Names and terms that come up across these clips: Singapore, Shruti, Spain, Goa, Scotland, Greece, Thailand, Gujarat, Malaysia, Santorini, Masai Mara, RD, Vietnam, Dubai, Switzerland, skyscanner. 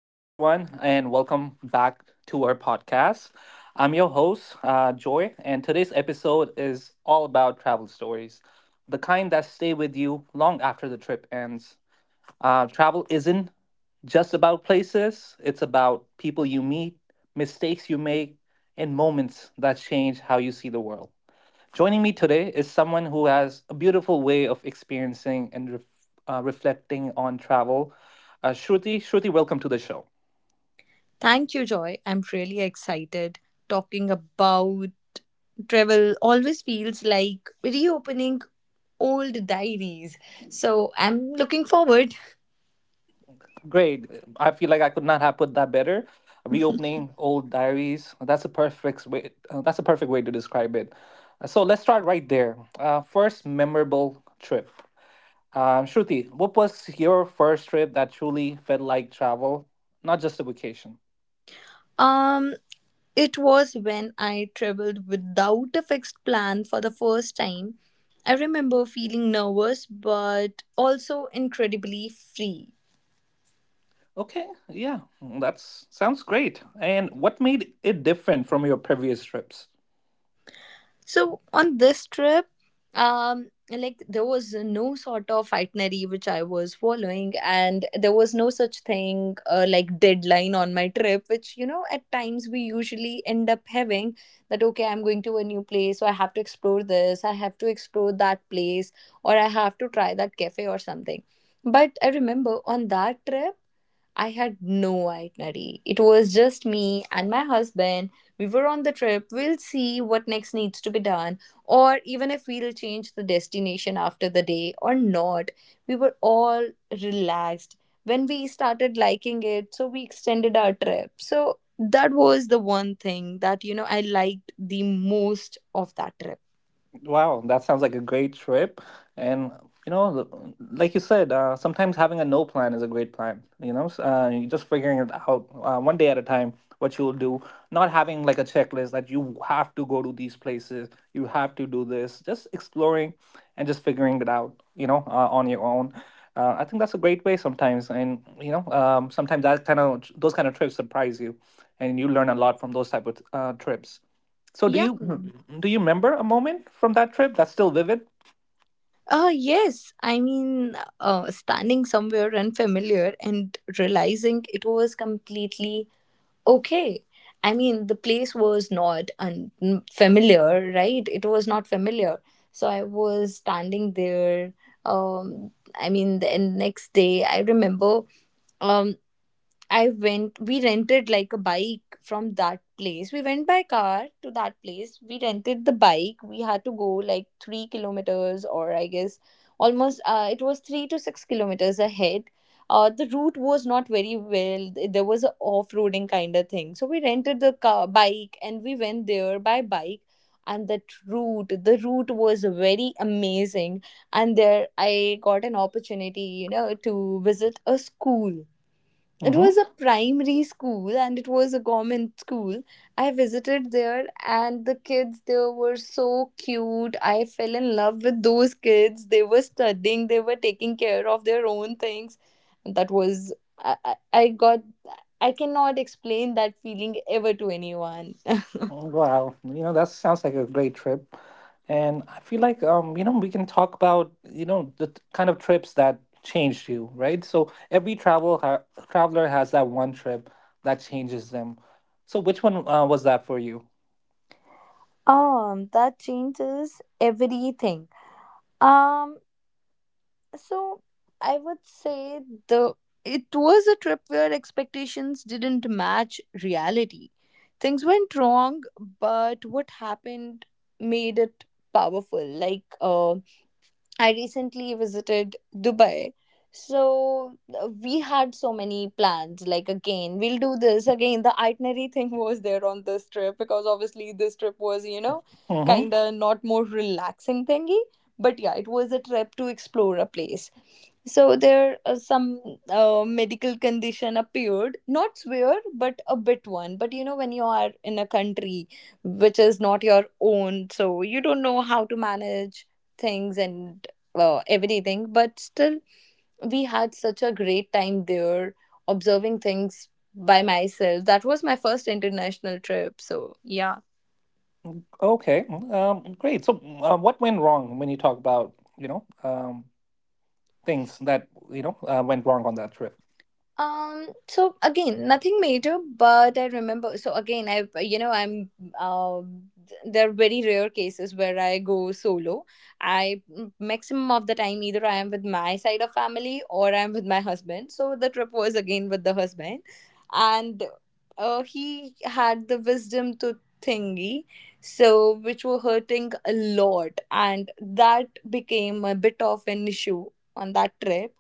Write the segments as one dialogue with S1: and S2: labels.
S1: Hello, everyone, and welcome back to our podcast. I'm your host, Joy, and today's episode is all about travel stories, the kind that stay with you long after the trip ends. Travel isn't just about places, it's about people you meet, mistakes you make, and moments that change how you see the world. Joining me today is someone who has a beautiful way of experiencing and reflecting on travel. Shruti, welcome to the show.
S2: Thank you, Joy. I'm really excited talking about travel. Always feels like reopening old diaries. So I'm looking forward.
S1: Great. I feel like I could not have put that better. Reopening old diaries. That's a perfect way. That's a perfect way to describe it. So let's start right there. First memorable trip. Shruti, what was your first trip that truly felt like travel, not just a vacation?
S2: Um, it was when I traveled without a fixed plan for the first time. I remember feeling nervous, but also incredibly free.
S1: Okay, yeah, that sounds great. And what made it different from your previous trips?
S2: So on this trip, like there was no sort of itinerary which I was following, and there was no such thing like deadline on my trip, which you know at times we usually end up having that okay, I'm going to a new place, so I have to explore this, I have to explore that place, or I have to try that cafe or something. But I remember on that trip. I had no itinerary. It was just me and my husband. We were on the trip. We'll see what next needs to be done, or even if we'll change the destination after the day or not. We were all relaxed when we started liking it, so we extended our trip. So that was the one thing that you know I liked the most of that trip.
S1: Wow, that sounds like a great trip. And you know, the- like you said, sometimes having a no plan is a great plan. You're just figuring it out one day at a time what you'll do. Not having like a checklist that you have to go to these places, you have to do this. Just exploring and just figuring it out. You know, on your own. I think that's a great way sometimes, and you know, sometimes that kind of those kind of trips surprise you, and you learn a lot from those type of trips. So do
S2: Yeah.
S1: you Mhm. do you remember a moment from that trip that's still vivid?
S2: Yes. I mean, standing somewhere unfamiliar and realizing it was completely okay. I mean, the place was not unfamiliar, right? It was not familiar. So I was standing there. I mean, the next day, I remember um, I went, we rented like a bike from that place. We went by car to that place. We rented the bike. We had to go like 3 kilometers, or I guess almost, it was 3 to 6 kilometers ahead. The route was not very well. There was a off roading kind of thing. So we rented the car, bike and we went there by bike. And that route, the route was very amazing. And there I got an opportunity, you know, to visit a school. It
S1: Hmm.
S2: was a primary school and it was a government school. I visited there and the kids there were so cute. I fell in love with those kids. They were studying, they were taking care of their own things. And that was, I got, I cannot explain that feeling ever to anyone.
S1: Wow, you know that sounds like a great trip, and I feel like you know we can talk about you know kind of trips that changed you, right? So every traveler has that one trip that changes them. So which one was that for you?
S2: That changes everything. Um, So I would say the it was a trip where expectations didn't match reality. Things went wrong, but what happened made it powerful. Like, I recently visited Dubai. So we had so many plans. Like, again, we'll do this. Again, the itinerary thing was there on this trip because obviously this trip was, you know,
S1: Mm-hmm.
S2: kind of not more relaxing thingy. But yeah, it was a trip to explore a place. So there some medical condition appeared, not severe, but a bit one. But you know, when you are in a country which is not your own, so you don't know how to manage things and everything. But still, we had such a great time there observing things by myself. That was my first international trip. So, yeah.
S1: Okay, mm, great. So what went wrong when you talk about you know things that you know went wrong on that trip?
S2: So again, nothing major, but I remember. So again, I you know I'm um there are very rare cases where I go solo. Maximum of the time either I am with my side of family or I'm with my husband. So the trip was again with the husband, and he had the wisdom to thingy, so which were hurting a lot, and that became a bit of an issue on that trip.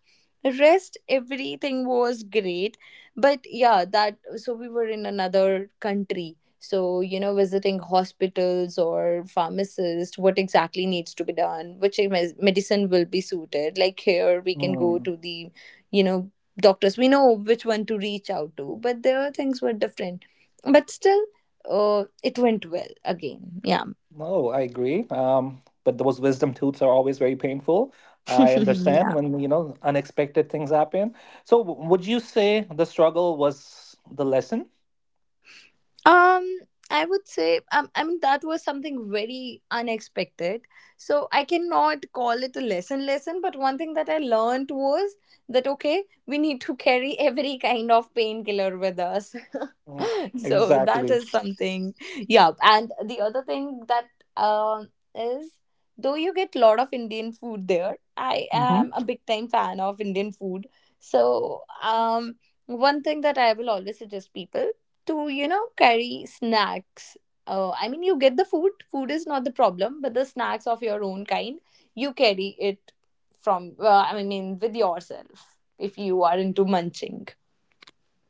S2: Rest everything was great, but yeah, that so we were in another country, so you know, visiting hospitals or pharmacist, what exactly needs to be done, which medicine will be suited. Like here we can go to the you know doctors, we know which one to reach out to, but there things were different. But still, it went well again, yeah.
S1: No, I agree. But those wisdom tooths are always very painful. I understand when, you know, unexpected things happen. So, would you say the struggle was the lesson?
S2: Um, I would say, I mean, that was something very unexpected. So I cannot call it a lesson, but one thing that I learned was that, okay, we need to carry every kind of painkiller with us.
S1: Mm,
S2: So that
S1: exactly.
S2: is something, yeah. And the other thing that um is, though you get a lot of Indian food there, I
S1: Mm-hmm.
S2: am a big time fan of Indian food. So one thing that I will always suggest people to you know carry snacks. I mean you get the food, is not the problem, but the snacks of your own kind you carry it from I mean with yourself if you are into munching.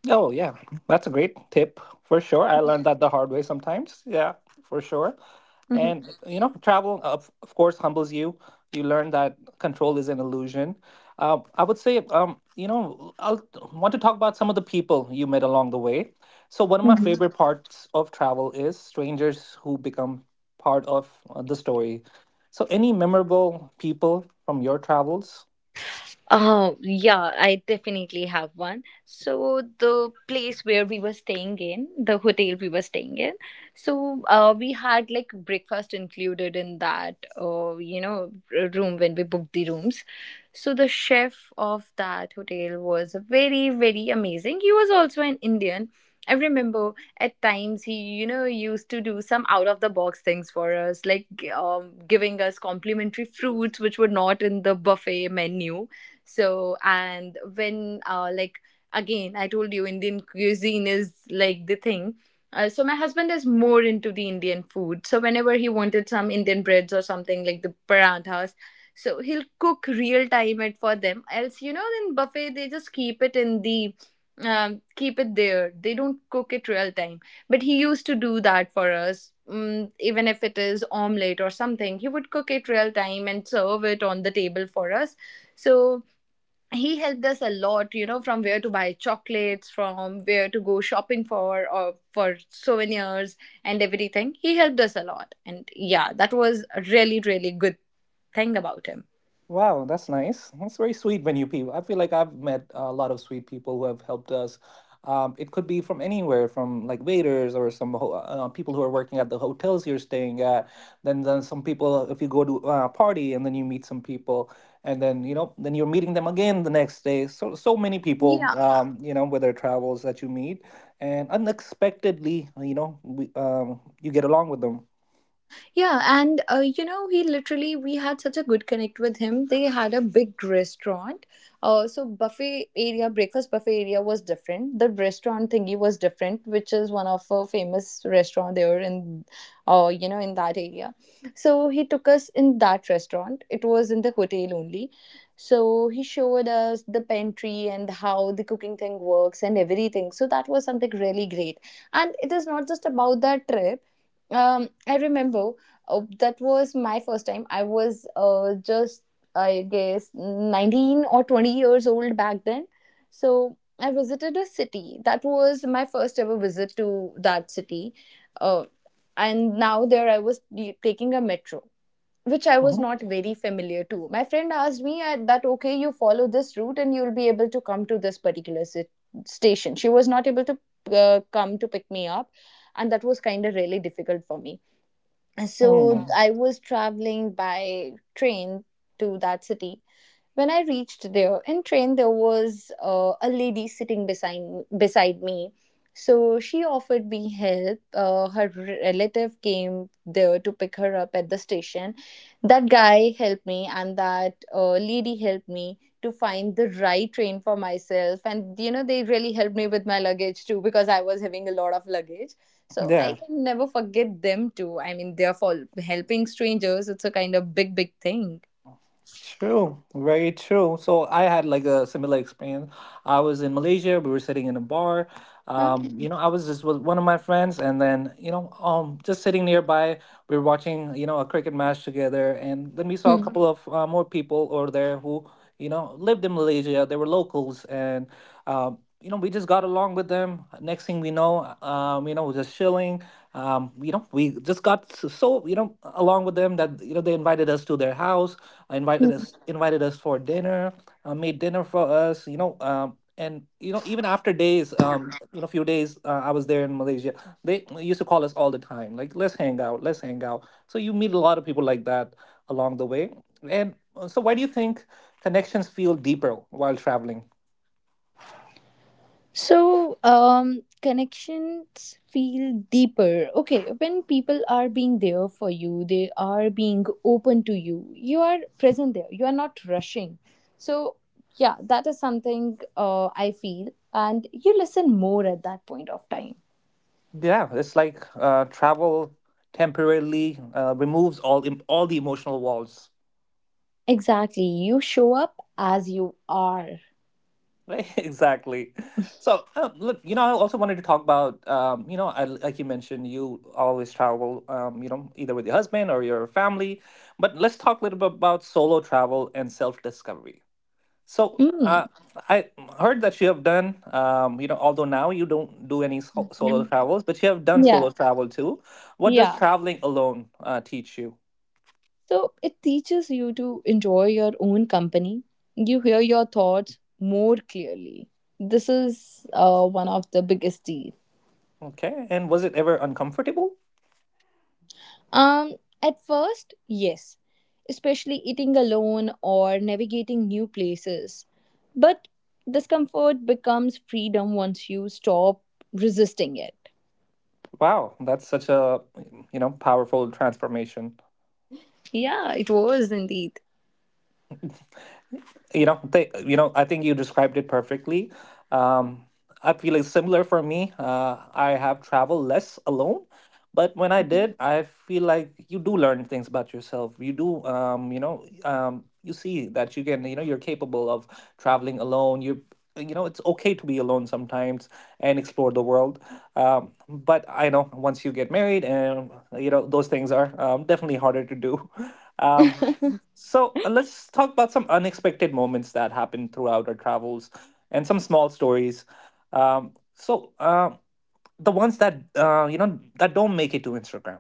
S1: Oh, yeah. That's a great tip for sure. I learned that the hard way sometimes. Yeah, for sure.
S2: Mhm.
S1: And, you know, travel, of course, humbles you. You learn that control is an illusion. I would say, I want to talk about some of the people you met along the way. So, one of my favorite parts of travel is strangers who become part of the story. So, any memorable people from your travels.
S2: Oh, yeah, I definitely have one. So, the place where we were staying in, the hotel we were staying in, so we had like breakfast included in that, you know, room when we booked the rooms. So, the chef of that hotel was very, very amazing. He was also an Indian. I remember at times he, you know, used to do some out of the box things for us, like giving us complimentary fruits which were not in the buffet menu. So, and when, like, again, I told you, Indian cuisine is like the thing. So my husband is more into the Indian food. So whenever he wanted some Indian breads or something like the parathas, so he'll cook real time it for them. Else, you know, in buffet they just keep it in the keep it there. They don't cook it real time. But he used to do that for us. Mm, even if it is omelette or something, he would cook it real time and serve it on the table for us. So he helped us a lot, you know, from where to buy chocolates, from where to go shopping for or for souvenirs, and everything. He helped us a lot, and yeah, that was a really, really good thing about him,
S1: Wow, that's nice. That's very sweet when you people. I feel like I've met a lot of sweet people who have helped us. It could be from anywhere, from like waiters or some ho people who are working at the hotels you're staying at. Then some people, if you go to a party and then you meet some people, and then you know, then you're meeting them again the next day. So, so many people,
S2: yeah.
S1: you know, with their travels that you meet, and unexpectedly, you know, you get along with them.
S2: Yeah, and you know, he literally, we had such a good connect with him. They had a big restaurant. So, buffet area, breakfast buffet area was different. The restaurant thingy was different, which is one of a famous restaurant there in, you know, in that area. So, he took us in that restaurant. It was in the hotel only. So, he showed us the pantry and how the cooking thing works and everything. So, that was something really great. And it is not just about that trip. I remember, oh, that was my first time. I was just, I guess, 19 or 20 years old back then. So I visited a city. That was my first ever visit to that city. Uh, and now there taking a metro, which I was
S1: Mhm.
S2: not very familiar to. My friend asked me that, okay, you follow this route and you'll be able to come to this station. She was not able to come to pick me up. And that was kind of really difficult for me, so
S1: Mm.
S2: I was traveling by train to that city. When I reached there in train, there was a lady sitting beside me. So she offered me help. Her relative came there to pick her up at the station. That guy helped me, and that lady helped me to find the right train for myself. And you know, they really helped me with my luggage too because I was having a lot of luggage. So I
S1: Yeah.
S2: can never forget them too. I mean, they're for helping strangers. It's a kind of big, big thing.
S1: True, very true. So I had like a similar experience. I was in Malaysia, we were sitting in a bar,
S2: Oh.
S1: you know, I was just with one of my friends, and then you know, just sitting nearby, we were watching you know a cricket match together, and then we saw a
S2: Hmm.
S1: couple of more people over there who you know lived in Malaysia. They were locals, and you know, we just got along with them. Next thing we know, you know, we're just chilling. You know, we just so you know along with them that you know they invited us to their house, invited us for dinner, made dinner for us. You know, and you know even after days you know few days I was there in Malaysia. They used to call us all the time like let's hang out, let's hang out, so you meet a lot of people like that along the way. And so why do you think connections feel deeper while traveling?
S2: So, connections feel deeper. Okay, when people are being there for you, they are being open to you. You are present there. You are not rushing. So, yeah, that is something I feel, and you listen more at that point of time.
S1: Yeah, it's like travel temporarily removes all the emotional walls.
S2: Exactly, you show up as you are.
S1: Right, exactly. So, look, you know, I also wanted to talk about, you know, I, like you mentioned, you always travel, you know, either with your husband or your family. But let's talk a little bit about solo travel and self-discovery. So,
S2: Mm.
S1: I heard that you have done, you know, although now you don't do any solo travels, but you have done
S2: Yeah,
S1: solo travel too. What does
S2: yeah.
S1: traveling alone teach you?
S2: So it teaches you to enjoy your own company. You hear your thoughts more clearly. This is one of the biggest deal.
S1: Okay, and was it ever uncomfortable?
S2: Um, at first, yes, especially eating alone or navigating new places. But discomfort becomes freedom once you stop resisting it.
S1: Wow, that's such a, you know, powerful transformation.
S2: Yeah, it was indeed.
S1: You know they you know I think you described it perfectly. Um, I feel it's similar for me. Uh, I have traveled less alone, but when I did I feel like you do learn things about yourself, you do you know you see that you can you know you're capable of traveling alone. You know it's okay to be alone sometimes and explore the world. But I know once you get married and you know those things are definitely harder to do. um, so let's talk about some unexpected moments that happened throughout our travels and some small stories. So the ones that you know that don't make it to Instagram.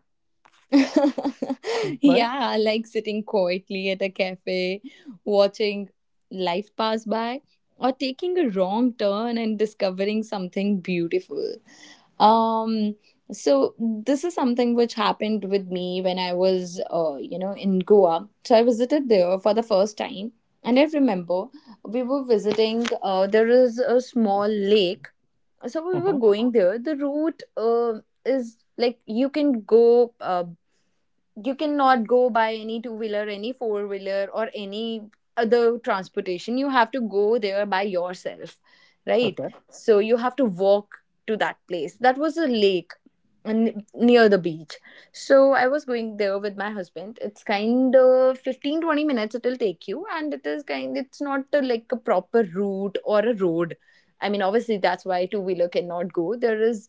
S1: Mm, right?
S2: Yeah, like sitting quietly at a cafe, watching life pass by, or taking a wrong turn and discovering something beautiful. Um, so this is something which happened with me when I was, you know, in Goa. So I visited there for the first time, and I remember we were visiting. There is a small lake, so we were
S1: Mm-hmm.
S2: going there. The route, is like you can go. You cannot go by any two wheeler, any four wheeler, or any other transportation. You have to go there by yourself, right?
S1: Okay.
S2: So you have to walk to that place. That was a lake near the beach. So I was going there with my husband. It's kind of 15-20 minutes it'll take you, and it's not like a proper route or a road. I mean, obviously, that's why two wheeler cannot go. There is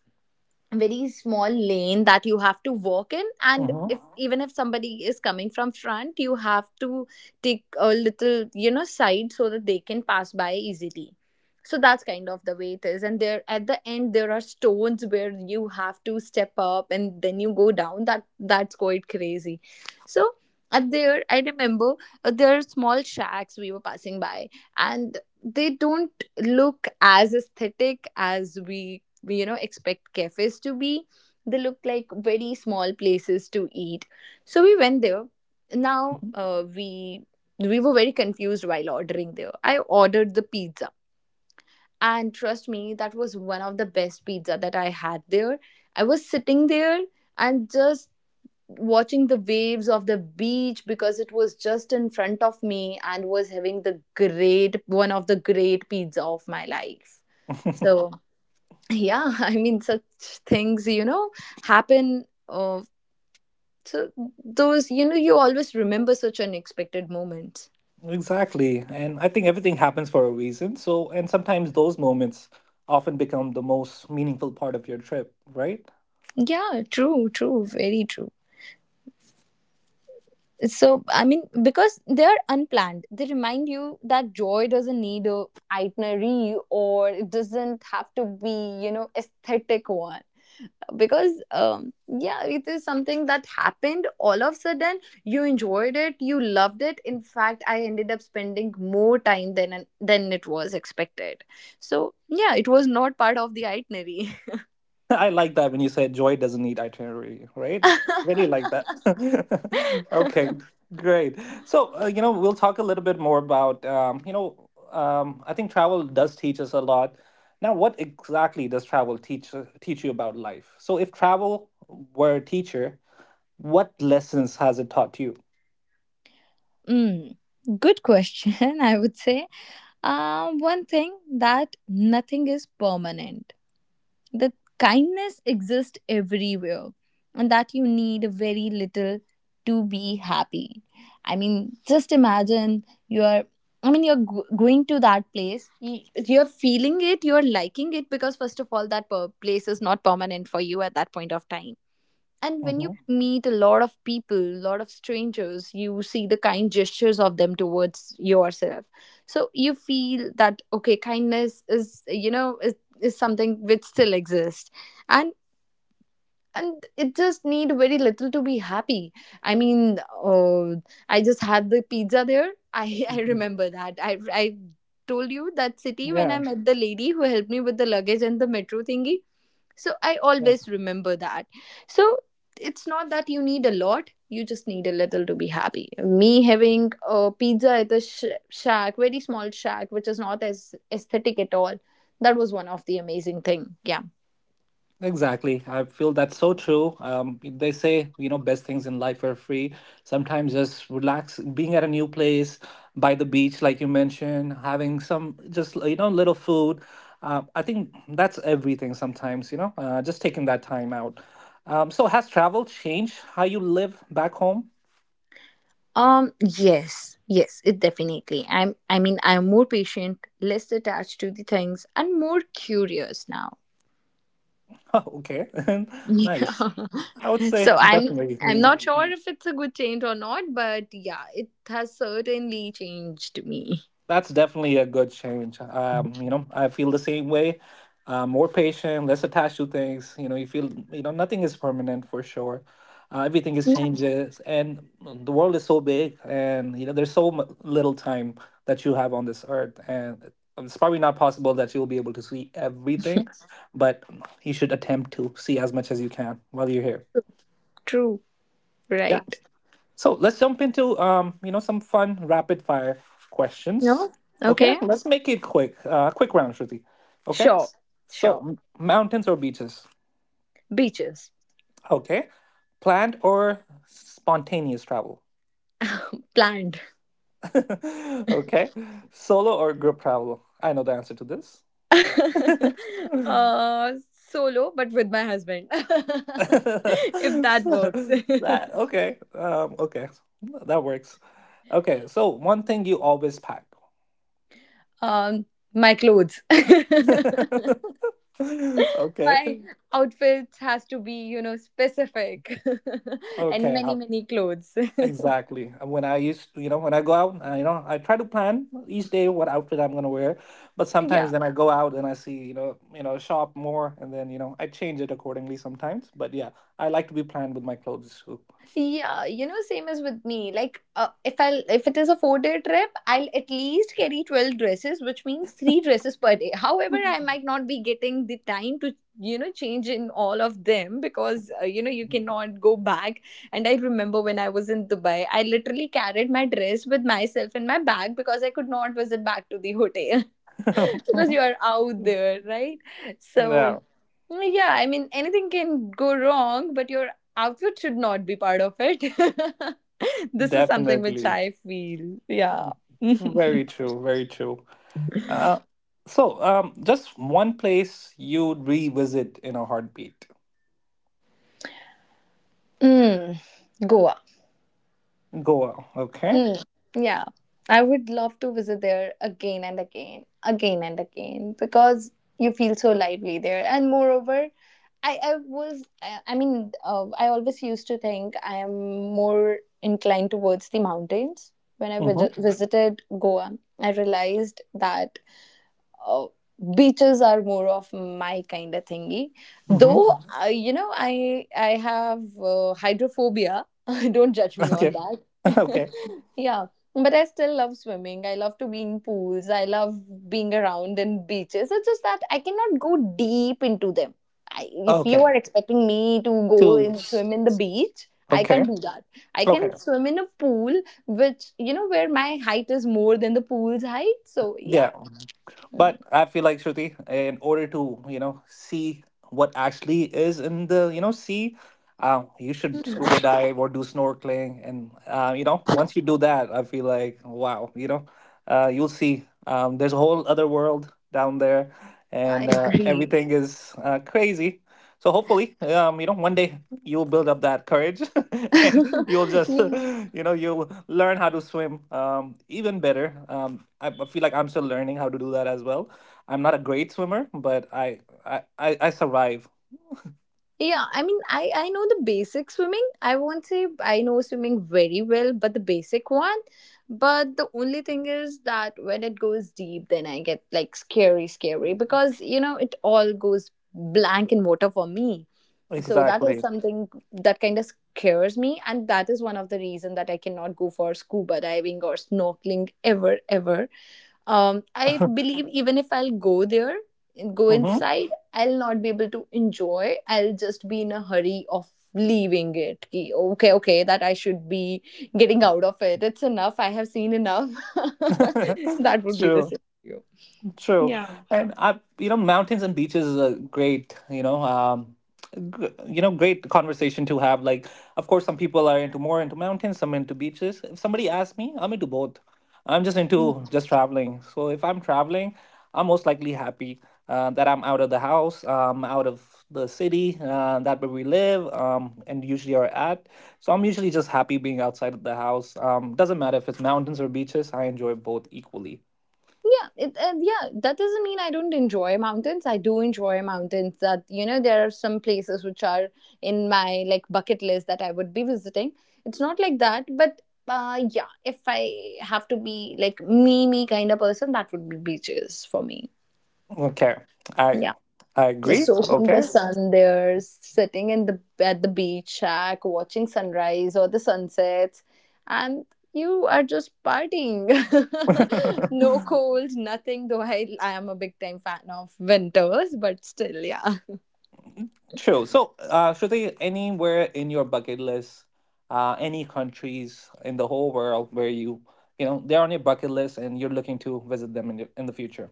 S2: very small lane that you have to walk in, and if even if somebody is coming from front, you have to take a little side so that they can pass by easily. So that's kind of the way it is, and there at the end there are stones where you have to step up and then you go down. That's quite crazy. So at there I remember, there are small shacks we were passing by, and they don't look as aesthetic as we expect cafes to be. They look like very small places to eat, so we went there. Now,
S1: Mm-hmm.
S2: we were very confused while ordering. There I ordered the pizza, and trust me, that was one of the best pizza that I had there. I was sitting there and just watching the waves of the beach because it was just in front of me, and was having the great one of the great pizza of my life. So yeah, I mean, such things happen, so those you always remember such unexpected moments.
S1: Exactly, and I think everything happens for a reason. So, and sometimes those moments often become the most meaningful part of your trip, right?
S2: Yeah, true, very true. So I mean, because they're unplanned, they remind you that joy doesn't need a itinerary, or it doesn't have to be, aesthetic one. Because yeah, it is something that happened all of a sudden. You enjoyed it, you loved it. In fact, I ended up spending more time than it was expected. So yeah, it was not part of the itinerary.
S1: I like that when you said joy doesn't need itinerary, right? Really like that. okay, great. So, you know, we'll talk a little bit more about, you know, I think travel does teach us a lot. Now, what exactly does travel teach teach you about life? So, if travel were a teacher, what lessons has it taught you?
S2: mm, good question. I would say, one thing that nothing is permanent, the kindness exists everywhere, and that you need very little to be happy. I mean, just imagine you're, I mean, you're going to that place, you're feeling it, you're liking it, because first of all, that place is not permanent for you at that point of time. And when you
S1: Hmm.
S2: meet a lot of people, lot of strangers, you see the kind gestures of them towards yourself. So you feel that okay, kindness is, is something which still exists. And and it just need very little to be happy. I mean, I just had the pizza there. I I remember that I told you that city when I
S1: Yeah.
S2: met the lady who helped me with the luggage and the metro thingy. So I always remember that. So it's not that you need a lot, you just need a little to be happy. Me having a pizza at a shack, very small shack, which is not as aesthetic at all, that was one of the amazing thing. Yeah.
S1: Exactly. I feel that's so true. They say, you know, best things in life are free. Sometimes just relax, being at a new place, by the beach, like you mentioned, having some just, you know, little food. I think that's everything sometimes, you know, just taking that time out. So, has travel changed how you live back home?
S2: Yes. Yes. It definitely. I'm. I mean, I'm more patient, less attached to the things, and more curious now.
S1: okay.
S2: Yeah.
S1: nice. I would
S2: So
S1: say
S2: I'm
S1: definitely.
S2: not sure if it's a good change or not, but yeah, it has certainly changed me.
S1: That's definitely a good change. You know, I feel the same way. More patient, less attached to things. You know, you feel you know nothing is permanent for sure. Everything is
S2: Yeah,
S1: changes, and the world is so big, and you know there's so little time that you have on this earth, and it's probably not possible that you'll be able to see everything, but you should attempt to see as much as you can while you're here.
S2: true.
S1: Yeah.
S2: Right.
S1: So let's jump into you know, some fun rapid fire questions.
S2: No?
S1: Okay,
S2: Okay.
S1: let's make it quick. Quick round, Shruti. Okay.
S2: Sure.
S1: So
S2: Sure.
S1: mountains or beaches?
S2: Beaches.
S1: Okay. Planned or spontaneous travel?
S2: Planned.
S1: okay. Solo or group travel? I know the answer to this.
S2: Solo, but with my husband.
S1: So,
S2: if that works.
S1: that okay. Okay, that works. Okay, so one thing you always pack.
S2: um my clothes.
S1: okay.
S2: my outfits has to be, specific. And
S1: Okay.
S2: many, many clothes.
S1: Exactly. And when I used to, you know, when I go out, I, you know, I try to plan each day what outfit I'm gonna wear. But
S2: yeah.
S1: sometimes then I go out and I see, you know, shop more, and then you know, I change it accordingly sometimes. But yeah, I like to be planned with my clothes too.
S2: Yeah, you know, same as with me. Like, if it is a 4-day trip, I'll at least carry 12 dresses, which means three dresses per day. However, I might not be getting the time to change in all of them, because you know, you cannot go back. And I remember when I was in Dubai, I literally carried my dress with myself in my bag because I could not visit back to the hotel. Because you are out there, right? So,
S1: No,
S2: yeah, I mean, anything can go wrong, but your outfit should not be part of it. This is something which
S1: definitely.
S2: I feel. Yeah.
S1: Very true. Very true. Uh, so, just one place you'd revisit in a heartbeat.
S2: Mm, go.
S1: Goa. Okay.
S2: Hmm. Yeah, I would love to visit there again and again, because you feel so lively there. And moreover, I was, I mean, I always used to think I am more inclined towards the mountains. When I
S1: Mm-hmm.
S2: visited Goa, I realized that, uh, beaches are more of my kind of thingy,
S1: Mm-hmm.
S2: though I have hydrophobia. Don't judge me on
S1: Okay.
S2: that.
S1: Okay.
S2: Yeah. But I still love swimming, I love to be in pools, I love being around in beaches. It's just that I cannot go deep into them. If you
S1: Okay.
S2: are expecting me to go
S1: Two.
S2: and swim in the beach, I
S1: Okay.
S2: can't do that. I can
S1: Okay.
S2: swim in a pool, which you know, where my height is more than the pool's height. So yeah.
S1: Yeah. But I feel like, Shruti, in order to, you know, see what actually is in the, you know, sea, you should scuba dive or do snorkeling. And, you know, once you do that, I feel like, wow, you know, you'll see there's a whole other world down there
S2: I
S1: and
S2: agree.
S1: everything is crazy. So hopefully, you know, one day you'll build up that courage, and you'll just,
S2: yeah.
S1: you know, you'll learn how to swim even better. I feel like I'm still learning how to do that as well. I'm not a great swimmer, but I survive.
S2: Yeah, I mean, I know the basic swimming. I won't say I know swimming very well, but the basic one. But the only thing is that when it goes deep, then I get like scary, scary, because you know, it all goes blank in water for me. So that is
S1: Exactly.
S2: something that kind of scares me, and that is one of the reason that I cannot go for scuba diving or snorkeling ever, ever. I believe even if I'll go there and go
S1: mm-hmm.
S2: inside, I'll not be able to enjoy. I'll just be in a hurry of leaving it. Ki, okay, okay, that I should be getting out of it. It's enough. I have seen enough. That would be the
S1: True.
S2: scenario.
S1: True, and I, mountains and beaches is a great, great conversation to have. Like, of course, some people are into more into mountains, some into beaches. If somebody asks me, I'm into both. I'm just into just traveling. So if I'm traveling, I'm most likely happy that I'm out of the house, out of the city that where we live, and usually are at. So I'm usually just happy being outside of the house. Doesn't matter if it's mountains or beaches. I enjoy both equally.
S2: Yeah, yeah. That doesn't mean I don't enjoy mountains. I do enjoy mountains. That you know, there are some places which are in my like bucket list that I would be visiting. It's not like that, but yeah. If I have to be like me kind of person, that would be beaches for me.
S1: Okay, I
S2: Yeah.
S1: I
S2: Just
S1: agree.
S2: Yeah. Soaking the
S1: Okay,
S2: sun there, sitting in the at the beach shack, watching sunrise or the sunsets, and you are just partying. No cold, nothing. Though I am a big time fan of winters, but still, yeah.
S1: true. So, should there anywhere in your bucket list, any countries in the whole world where they're on your bucket list and you're looking to visit them in the future?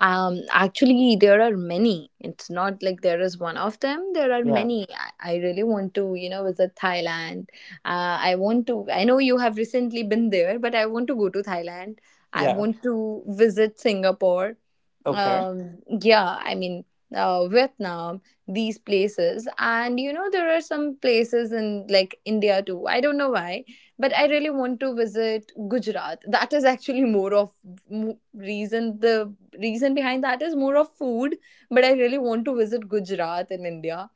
S2: Actually there are many, it's not like there is one of them, there are
S1: Yeah.
S2: many. I really want to visit Thailand. I want to I know you have recently been there, but I want to go to Thailand. I
S1: Yeah.
S2: want to visit Singapore.
S1: Okay.
S2: um, yeah, I mean, Vietnam, these places. And, you know, there are some places in like India too. I don't know why, but I really want to visit Gujarat. That is actually more of reason. The reason behind that is more of food, but I really want to visit Gujarat in India,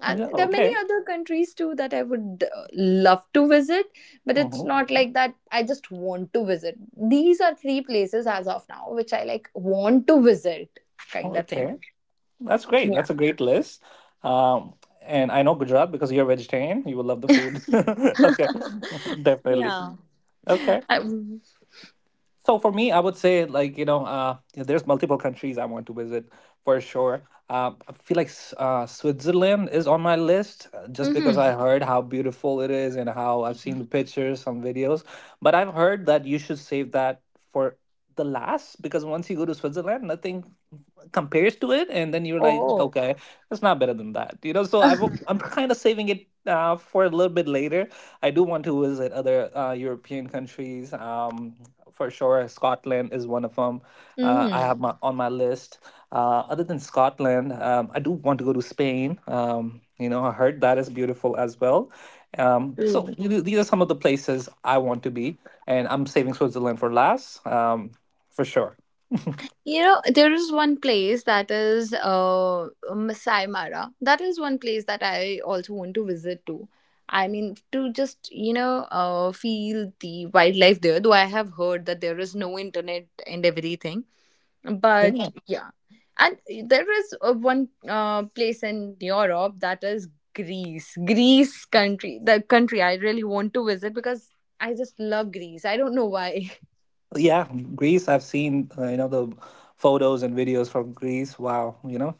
S2: and
S1: Yeah.
S2: there are many
S1: Okay.
S2: other countries too that I would, love to visit. But it's
S1: Hmm.
S2: not like that I just want to visit, these are three places as of now which I like want to visit, kind of thing.
S1: Okay. That's great.
S2: Yeah.
S1: That's a great list. Um, and I know Gujarat because you're vegetarian. You will love the food. Okay, definitely.
S2: Yeah.
S1: Okay.
S2: I,
S1: So for me, I would say like yeah, there's multiple countries I want to visit for sure. I feel like Switzerland is on my list just because
S2: mm-hmm.
S1: I heard how beautiful it is and how I've seen the pictures, some videos. But I've heard that you should save that for the last, because once you go to Switzerland, nothing compares to it, and then you're like,
S2: Oh.
S1: okay, it's not better than that. I'm kind of saving it for a little bit later. I do want to visit other European countries, for sure Scotland is one of them. I
S2: Mm.
S1: have my on my list other than Scotland. I do want to go to Spain. You know I heard that is beautiful as well, so
S2: True.
S1: these are some of the places I want to be, and I'm saving Switzerland for last, for sure.
S2: You know, there is one place that is, Masai Mara. That is one place that I also want to visit to. I mean, to just, you know, feel the wildlife there, though I have heard that there is no internet and everything. But
S1: Then.
S2: yeah. And there is one place in Europe that is Greece. Greece country, the country I really want to visit, because I just love Greece. I don't know why.
S1: Yeah, Greece. I've seen the photos and videos from Greece. Wow, you know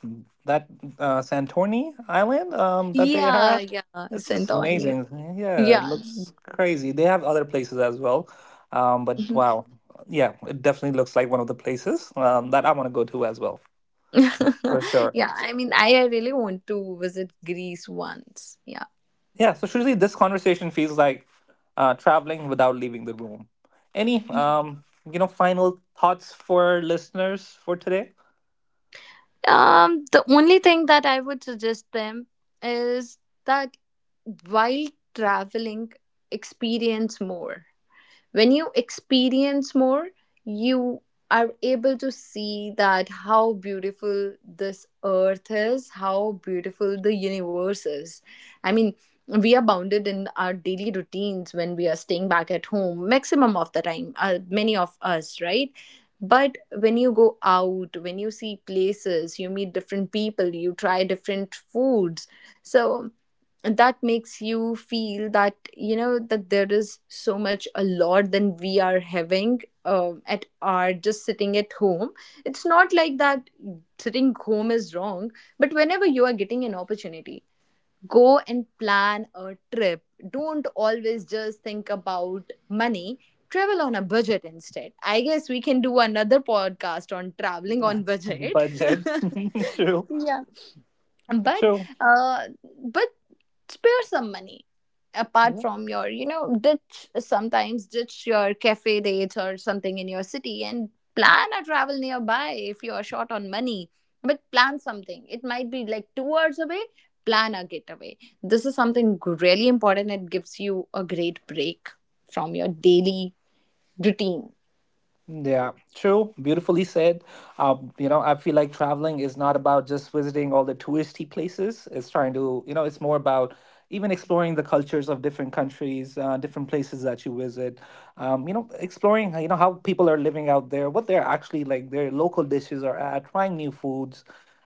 S1: that Santorini island that they
S2: Yeah,
S1: have.
S2: yeah,
S1: It's just
S2: Santorini.
S1: amazing. Yeah, it
S2: Yeah,
S1: looks crazy. They have other places as well, but
S2: Mhm.
S1: wow, yeah, it definitely looks like one of the places that I want to go to as well for sure.
S2: Yeah, I mean, I really want to visit Greece once. Yeah.
S1: Yeah. So Shuzi, this conversation feels like traveling without leaving the room. Any final thoughts for listeners for today?
S2: The only thing that I would suggest them is that while traveling, experience more. When you experience more, you are able to see that how beautiful this earth is, how beautiful the universe is. I mean, we are bounded in our daily routines when we are staying back at home maximum of the time, many of us, right? But when you go out, when you see places, you meet different people, you try different foods, so that makes you feel that you know, that there is so much a lot than we are having at our just sitting at home. It's not like that sitting home is wrong, but whenever you are getting an opportunity, go and plan a trip. Don't always just think about money. Travel on a budget instead. I guess we can do another podcast on traveling on budget.
S1: Budget. True,
S2: Yeah. but
S1: true.
S2: uh but spare some money apart
S1: Yeah,
S2: from your, you know, ditch sometimes, ditch your cafe date or something in your city and plan a travel nearby if you are short on money. But plan something, it might be like 2 hours away. Plan a getaway. This is something really important, it gives you a great break from your daily routine.
S1: yeah, true. Beautifully said. I feel like traveling is not about just visiting all the touristy places. It's trying to, you know, it's more about even exploring the cultures of different countries, different places that you visit. Exploring, you know, how people are living out there, what they're actually like, their local dishes are at, trying new foods.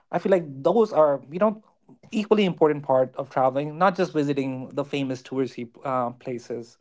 S1: I feel like those are, you know, equally important part of traveling, not just visiting the famous touristy places.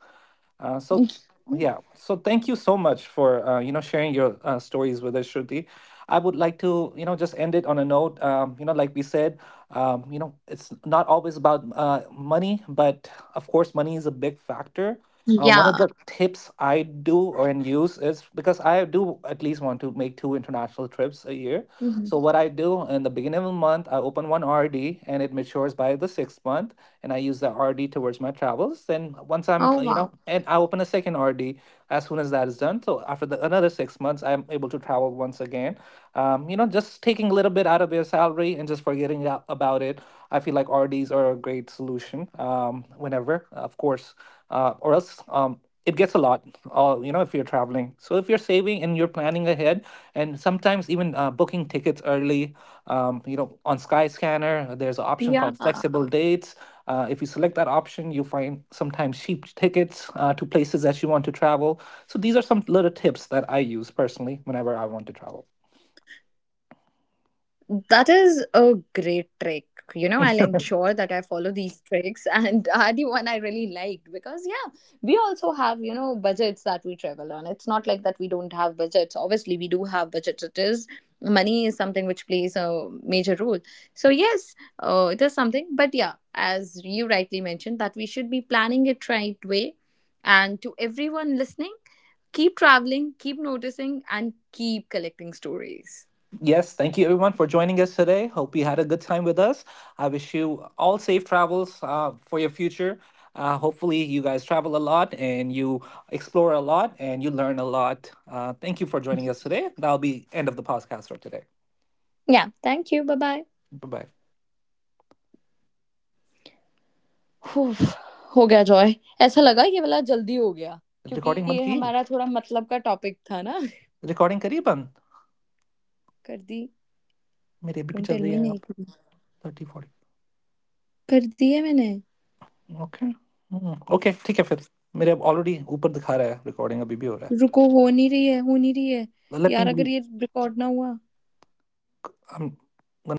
S1: So yeah, so thank you so much for you know sharing your stories with us, Shruti. I would like to, you know, just end it on a note. Like we said, you know, it's not always about money, but of course, money is a big factor. One of
S2: Yeah.
S1: the tips I do or and use is because I do at least want to make two international trips a year.
S2: Mhm.
S1: So what I do in the beginning of the month, I open one RD and it matures by the sixth month, and I use the RD towards my travels. Then once I'm,
S2: Oh
S1: you know,
S2: wow.
S1: and I open a second RD as soon as that is done. So after the another 6 months, I'm able to travel once again. You know, just taking a little bit out of your salary and just forgetting about it. I feel like RDs are a great solution. Whenever, of course, or else, it gets a lot. You know, if you're traveling. So if you're saving and you're planning ahead, and sometimes even booking tickets early, you know, on Skyscanner there's an option called flexible
S2: Yeah.
S1: dates. If you select that option you find sometimes cheap tickets to places that you want to travel, so these are some little tips that I use personally whenever I want to travel.
S2: That is a great trick. You know, I'll ensure that I follow these tricks, and are the one I really liked, because yeah, we also have, you know, budgets that we travel on. It's not like that we don't have budgets, obviously we do have budgets. It is Money is something which plays a major role. So yes, it is something. But yeah, as you rightly mentioned, that we should be planning it right way. And to everyone listening, keep traveling, keep noticing and keep collecting stories.
S1: Yes, thank you everyone for joining us today. Hope you had a good time with us. I wish you all safe travels for your future. Hopefully you guys travel a lot and you explore a lot and you learn a lot. Thank you for joining us today. That'll be end of the podcast for today.
S2: Yeah thank you bye bye.
S1: Bye-bye.
S2: उफ, हो गया Joy. ऐसा लगा ये वाला जल्दी हो गया. क्योंकि ये
S1: Recording band ki.
S2: हमारा थोड़ा मतलब का टॉपिक था ना.
S1: रिकॉर्डिंग करिए बंद।
S2: कर दी.
S1: मेरी अभी भी
S2: डोंट
S1: चल
S2: टेल
S1: रही है
S2: मी
S1: यहाँ
S2: नहीं
S1: पर।
S2: करी.
S1: Thirty forty.
S2: कर दी है मैंने.
S1: ओके। ओके, ठीक है फिर, मेरे अब ऑलरेडी ऊपर दिखा रहा है रिकॉर्डिंग अभी भी हो रहा
S2: रुको, हो नहीं रही है, हो नहीं रही है.
S1: है। Let me. I M.